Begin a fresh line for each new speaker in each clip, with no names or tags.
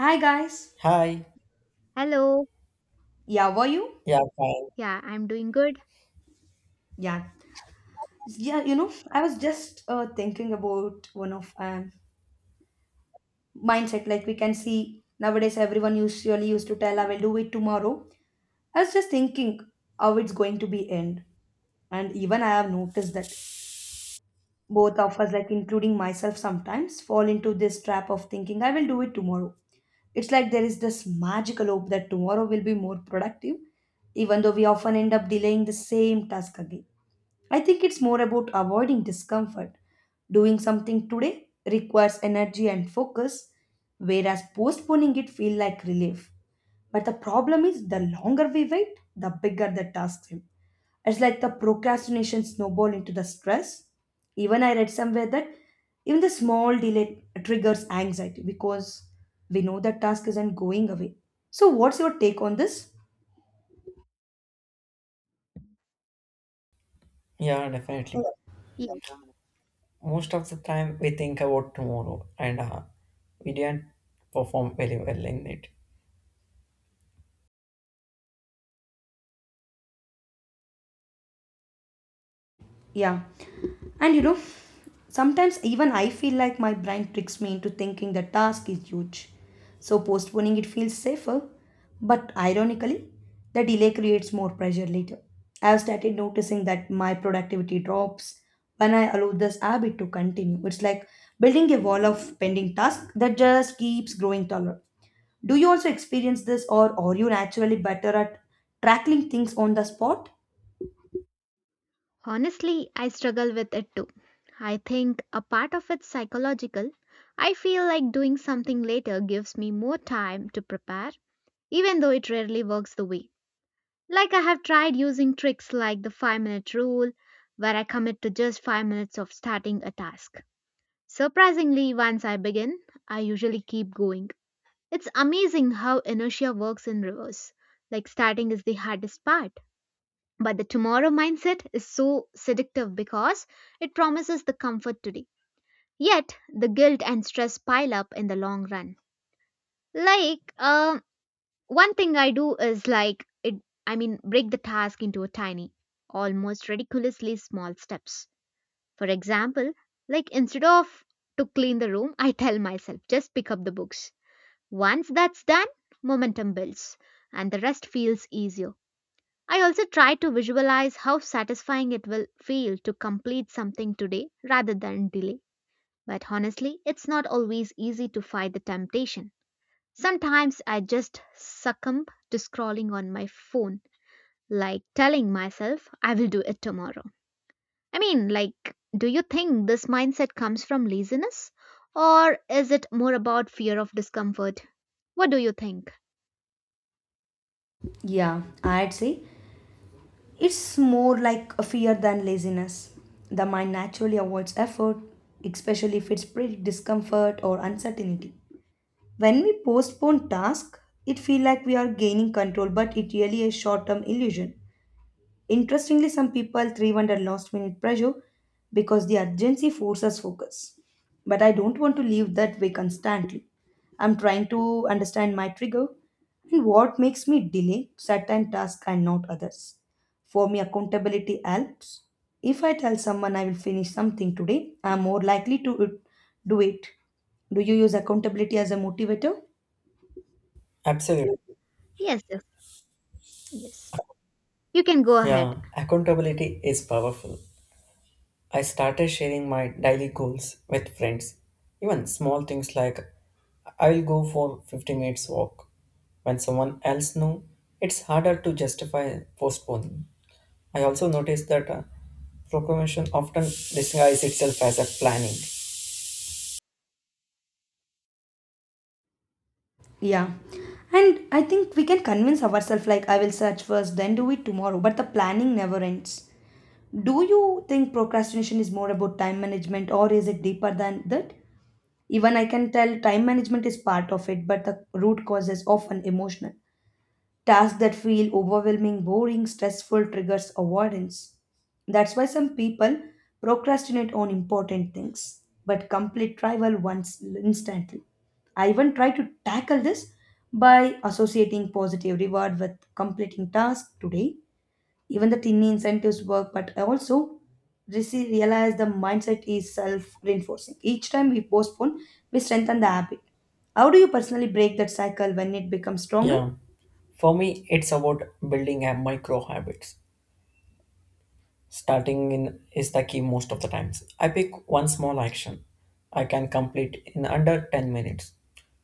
Hi guys.
Hi.
Hello.
Yeah, were you?
Yeah, fine.
Yeah, I'm doing good.
Yeah. Yeah, you know, I was just thinking about one of mindset. Like we can see nowadays, everyone usually used to tell, "I will do it tomorrow." I was just thinking how it's going to be end, and even I have noticed that both of us, like including myself, sometimes fall into this trap of thinking, "I will do it tomorrow." It's like there is this magical hope that tomorrow will be more productive, even though we often end up delaying the same task again. I think it's more about avoiding discomfort. Doing something today requires energy and focus, whereas postponing it feels like relief. But the problem is, the longer we wait, the bigger the task seems. It's like the procrastination snowball into the stress. Even I read somewhere that even the small delay triggers anxiety because we know that task isn't going away. So what's your take on this?
Yeah, definitely.
Yes.
Most of the time we think about tomorrow and we didn't perform very well in it.
Yeah. And you know, sometimes even I feel like my brain tricks me into thinking the task is huge. So postponing it feels safer. But ironically, the delay creates more pressure later. I've started noticing that my productivity drops when I allow this habit to continue. It's like building a wall of pending tasks that just keeps growing taller. Do you also experience this, or are you naturally better at tackling things on the spot?
Honestly, I struggle with it too. I think a part of it's psychological. I feel like doing something later gives me more time to prepare, even though it rarely works the way. Like I have tried using tricks like the 5-minute rule, where I commit to just 5 minutes of starting a task. Surprisingly, once I begin, I usually keep going. It's amazing how inertia works in reverse. Like starting is the hardest part. But the tomorrow mindset is so seductive because it promises the comfort today. Yet, the guilt and stress pile up in the long run. Like, um, one thing I do is break the task into a tiny, almost ridiculously small steps. For example, like instead of to clean the room, I tell myself, just pick up the books. Once that's done, momentum builds and the rest feels easier. I also try to visualize how satisfying it will feel to complete something today rather than delay. But honestly, it's not always easy to fight the temptation. Sometimes I just succumb to scrolling on my phone, like telling myself I will do it tomorrow. I mean, like, do you think this mindset comes from laziness? Or is it more about fear of discomfort? What do you think?
Yeah, I'd say it's more like a fear than laziness. The mind naturally avoids effort, especially if it's pretty discomfort or uncertainty. When we postpone tasks, it feels like we are gaining control, but it really is short-term illusion. Interestingly, some people thrive under last minute pressure because the urgency forces focus. But I don't want to live that way constantly. I'm trying to understand my trigger and what makes me delay certain tasks and not others. For me, accountability helps. If I tell someone I will finish something today, I'm more likely to do it. Do you use accountability as a motivator?
Absolutely.
Yes, yes, yes. You can go ahead.
Yeah, accountability is powerful. I started sharing my daily goals with friends. Even small things like I will go for 50 minutes walk. When someone else knows, it's harder to justify postponing. I also noticed that proclamation often disguises itself as a planning.
Yeah. And I think we can convince ourselves like I will search first, then do it tomorrow, but the planning never ends. Do you think procrastination is more about time management or is it deeper than that? Even I can tell time management is part of it, but the root cause is often emotional. Tasks that feel overwhelming, boring, stressful triggers avoidance. That's why some people procrastinate on important things but complete trivial ones instantly. I even try to tackle this by associating positive reward with completing tasks today. Even the tiny incentives work, but I also realize the mindset is self reinforcing. Each time we postpone, we strengthen the habit. How do you personally break that cycle when it becomes stronger?
Yeah. For me, it's about building a micro habits. Starting in is the key most of the times. I pick one small action I can complete in under 10 minutes.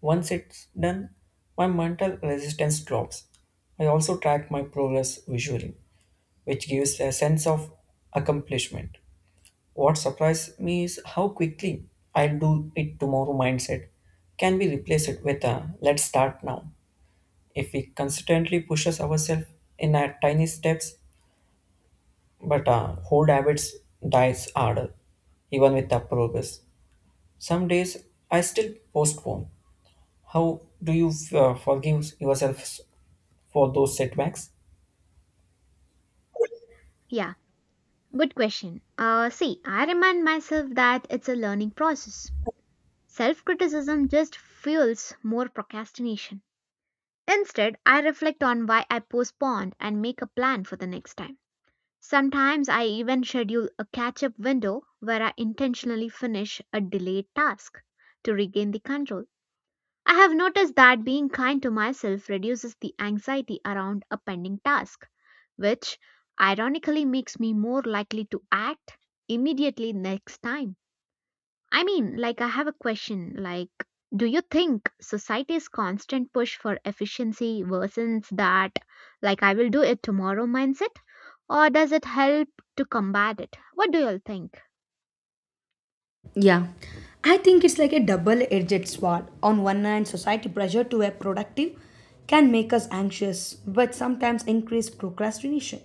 Once it's done, my mental resistance drops. I also track my progress visually, which gives a sense of accomplishment. What surprised me is how quickly I'll do it tomorrow mindset can be replaced with a let's start now. If we consistently pushes ourselves in our tiny steps, but old habits dies harder, even with the progress. Some days I still postpone. How do you forgive yourself for those setbacks?
Yeah. Good question. See, I remind myself that it's a learning process. Self criticism just fuels more procrastination. Instead, I reflect on why I postponed and make a plan for the next time. Sometimes I even schedule a catch up window where I intentionally finish a delayed task to regain the control. I have noticed that being kind to myself reduces the anxiety around a pending task which ironically makes me more likely to act immediately next time. I mean, like, I have a question like, do you think society's constant push for efficiency worsens that, like, I will do it tomorrow mindset? Or does it help to combat it? What do you all think?
Yeah, I think it's like a double edged sword. On one hand, society pressure to be productive can make us anxious, but sometimes increase procrastination.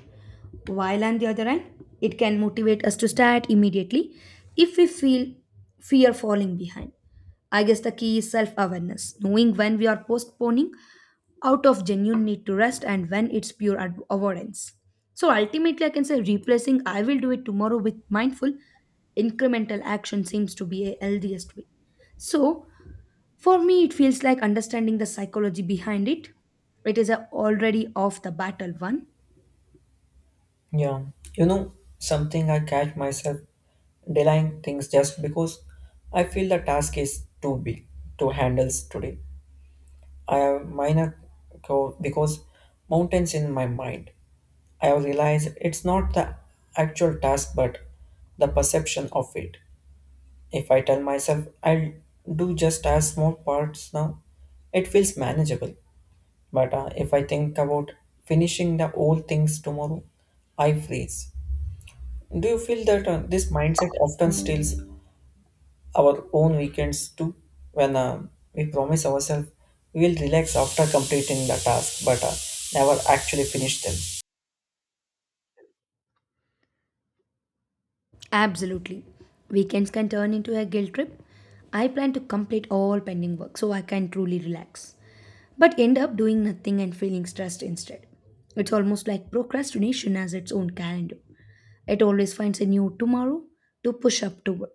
While on the other hand, it can motivate us to start immediately if we feel fear falling behind. I guess the key is self awareness, knowing when we are postponing out of genuine need to rest and when it's pure avoidance. So ultimately, I can say replacing I will do it tomorrow with mindful, incremental action seems to be a healthiest way. So for me, it feels like understanding the psychology behind it. It is a already off the battle one.
Yeah, you know something I catch myself delaying things just because I feel the task is too big to handle today. I have minor because mountains in my mind. I have realized it's not the actual task but the perception of it. If I tell myself I'll do just as small parts now, it feels manageable. But if I think about finishing the old things tomorrow, I freeze. Do you feel that this mindset often steals our own weekends too? When we promise ourselves we will relax after completing the task but never actually finish them.
Absolutely. Weekends can turn into a guilt trip. I plan to complete all pending work so I can truly relax, but end up doing nothing and feeling stressed instead. It's almost like procrastination has its own calendar. It always finds a new tomorrow to push up to,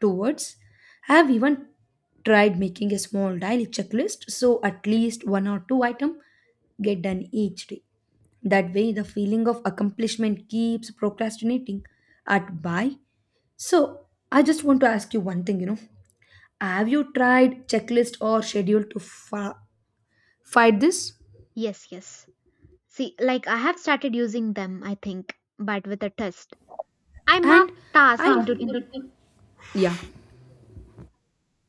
towards. I have even tried making a small daily checklist so at least one or two item get done each day. That way, the feeling of accomplishment keeps procrastinating at by. So, I just want to ask you one thing, you know. Have you tried checklist or schedule to fight this?
Yes. See, like, I have started using them, I think, but with a test. I mark
And I
task
half
into
into
two.
two. Yeah,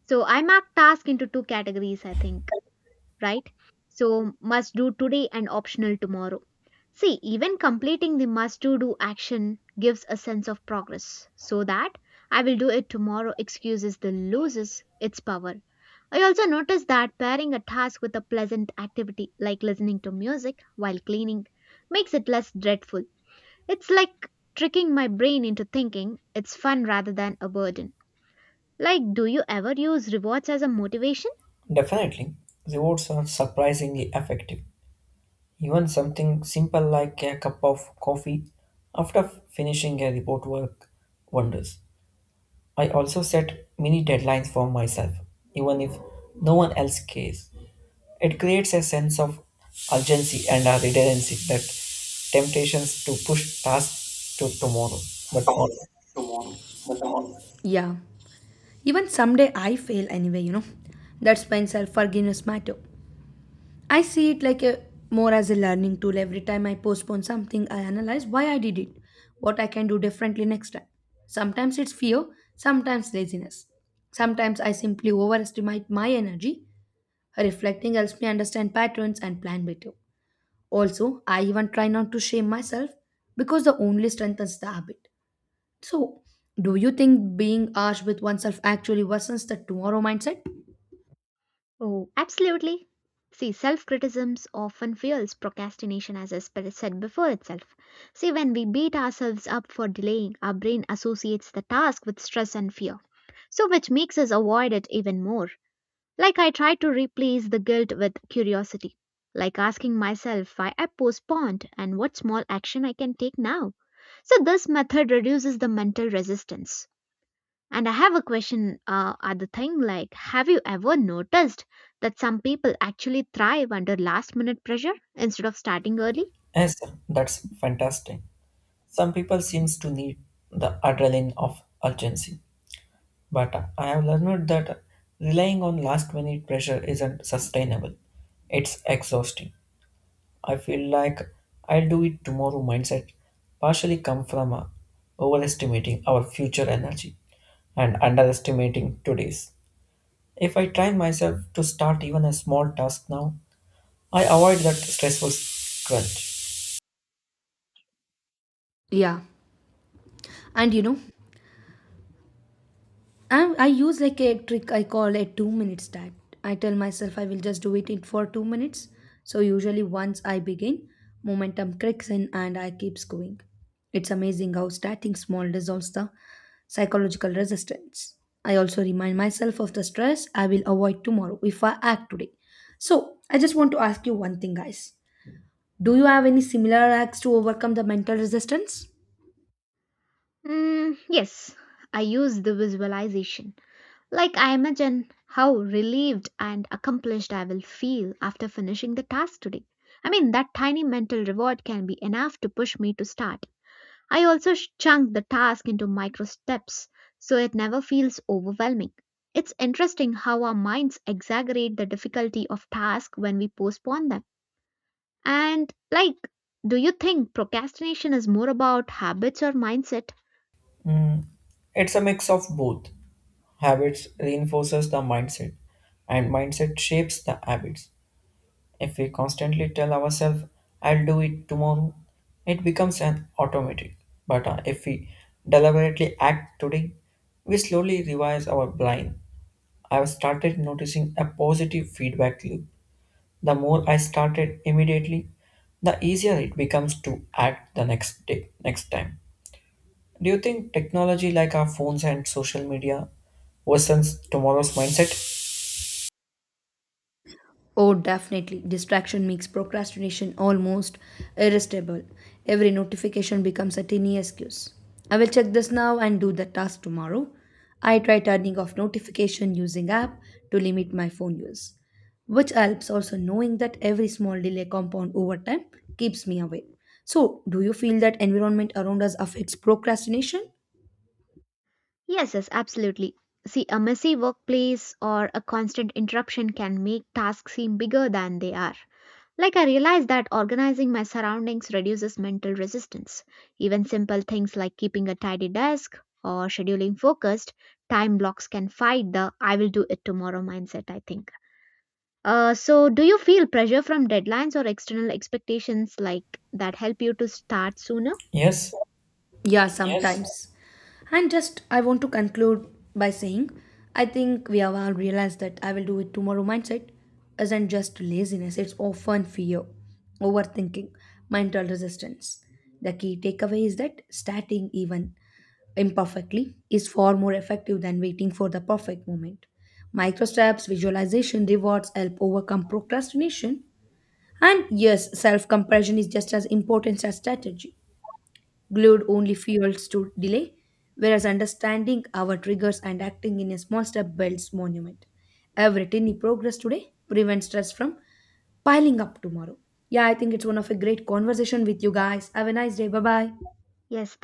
So I mark task into two categories, I think. Right? So, must do today and optional tomorrow. See, even completing the must to do action gives a sense of progress. So that I will do it tomorrow excuses the loses its power. I also noticed that pairing a task with a pleasant activity like listening to music while cleaning makes it less dreadful. It's like tricking my brain into thinking it's fun rather than a burden. Like, do you ever use rewards as a motivation?
Definitely, rewards are surprisingly effective. Even something simple like a cup of coffee after finishing a report work wonders. I also set mini deadlines for myself, even if no one else cares. It creates a sense of urgency and a redundancy that temptations to push tasks to tomorrow. But
yeah. Even someday I fail anyway, you know. That's when self forgiveness matter. I see it like a more as a learning tool. Every time I postpone something, I analyze why I did it, what I can do differently next time. Sometimes it's fear, sometimes laziness. Sometimes I simply overestimate my energy. Reflecting helps me understand patterns and plan better. Also, I even try not to shame myself because the only strengthens the habit. So, do you think being harsh with oneself actually worsens the tomorrow mindset?
Oh, absolutely. See, self criticism often fuels procrastination, as I said before itself. See, when we beat ourselves up for delaying, our brain associates the task with stress and fear, so which makes us avoid it even more. Like I try to replace the guilt with curiosity, like asking myself why I postponed and what small action I can take now. So, this method reduces the mental resistance. And I have a question at thing like, have you ever noticed that some people actually thrive under last minute pressure instead of starting early?
yes, sir, that's fantastic. Some people seems to need the adrenaline of urgency. But I have learned that relying on last minute pressure isn't sustainable. It's exhausting. I feel like I'll do it tomorrow mindset partially come from overestimating our future energy and underestimating today's. If I train myself to start even a small task now, I avoid that stressful crunch.
Yeah. And you know, I use like a trick I call a 2 minutes stat. I tell myself I will just do it in for 2 minutes. So usually once I begin, momentum kicks in and I keeps going. It's amazing how starting small dissolves the psychological resistance. I also remind myself of the stress I will avoid tomorrow if I act today. So I just want to ask you one thing, guys. Do you have any similar acts to overcome the mental resistance?
Mm, yes, I use the visualization. Like, I imagine how relieved and accomplished I will feel after finishing the task today. I mean, that tiny mental reward can be enough to push me to start. I also chunk the task into micro steps so it never feels overwhelming. It's interesting how our minds exaggerate the difficulty of tasks when we postpone them. And, like, do you think procrastination is more about habits or mindset?
Mm, it's a mix of both. Habits reinforces the mindset and mindset shapes the habits. If we constantly tell ourselves, I'll do it tomorrow, it becomes an automatic. But if we deliberately act today, we slowly revise our blind. I've started noticing a positive feedback loop. The more I started immediately, the easier it becomes to act the next day, next time. Do you think technology like our phones and social media worsens tomorrow's mindset?
Oh, definitely. Distraction makes procrastination almost irresistible. Every notification becomes a tiny excuse. I will check this now and do the task tomorrow. I try turning off notification using app to limit my phone use, which helps. Also knowing that every small delay compound over time keeps me away. So, do you feel that environment around us affects procrastination?
Yes, absolutely. See, a messy workplace or a constant interruption can make tasks seem bigger than they are. Like, I realized that organizing my surroundings reduces mental resistance. Even simple things like keeping a tidy desk or scheduling focused time blocks can fight the I will do it tomorrow mindset, I think. So, do you feel pressure from deadlines or external expectations like that help you to start sooner?
Yes,
Yeah, yes, sometimes. And just, I want to conclude by saying, I think we have all realized that I will do it tomorrow mindset isn't just laziness, it's often fear, overthinking, mental resistance. The key takeaway is that starting even imperfectly is far more effective than waiting for the perfect moment. Micro steps, visualization, rewards help overcome procrastination. And yes, self comparison is just as important as strategy. Glued only fuels to delay, whereas understanding our triggers and acting in a small step builds monument. Every tiny progress today prevents stress from piling up tomorrow. Yeah, I think it's one of a great conversation with you guys. Have a nice day. Bye bye.
Yes,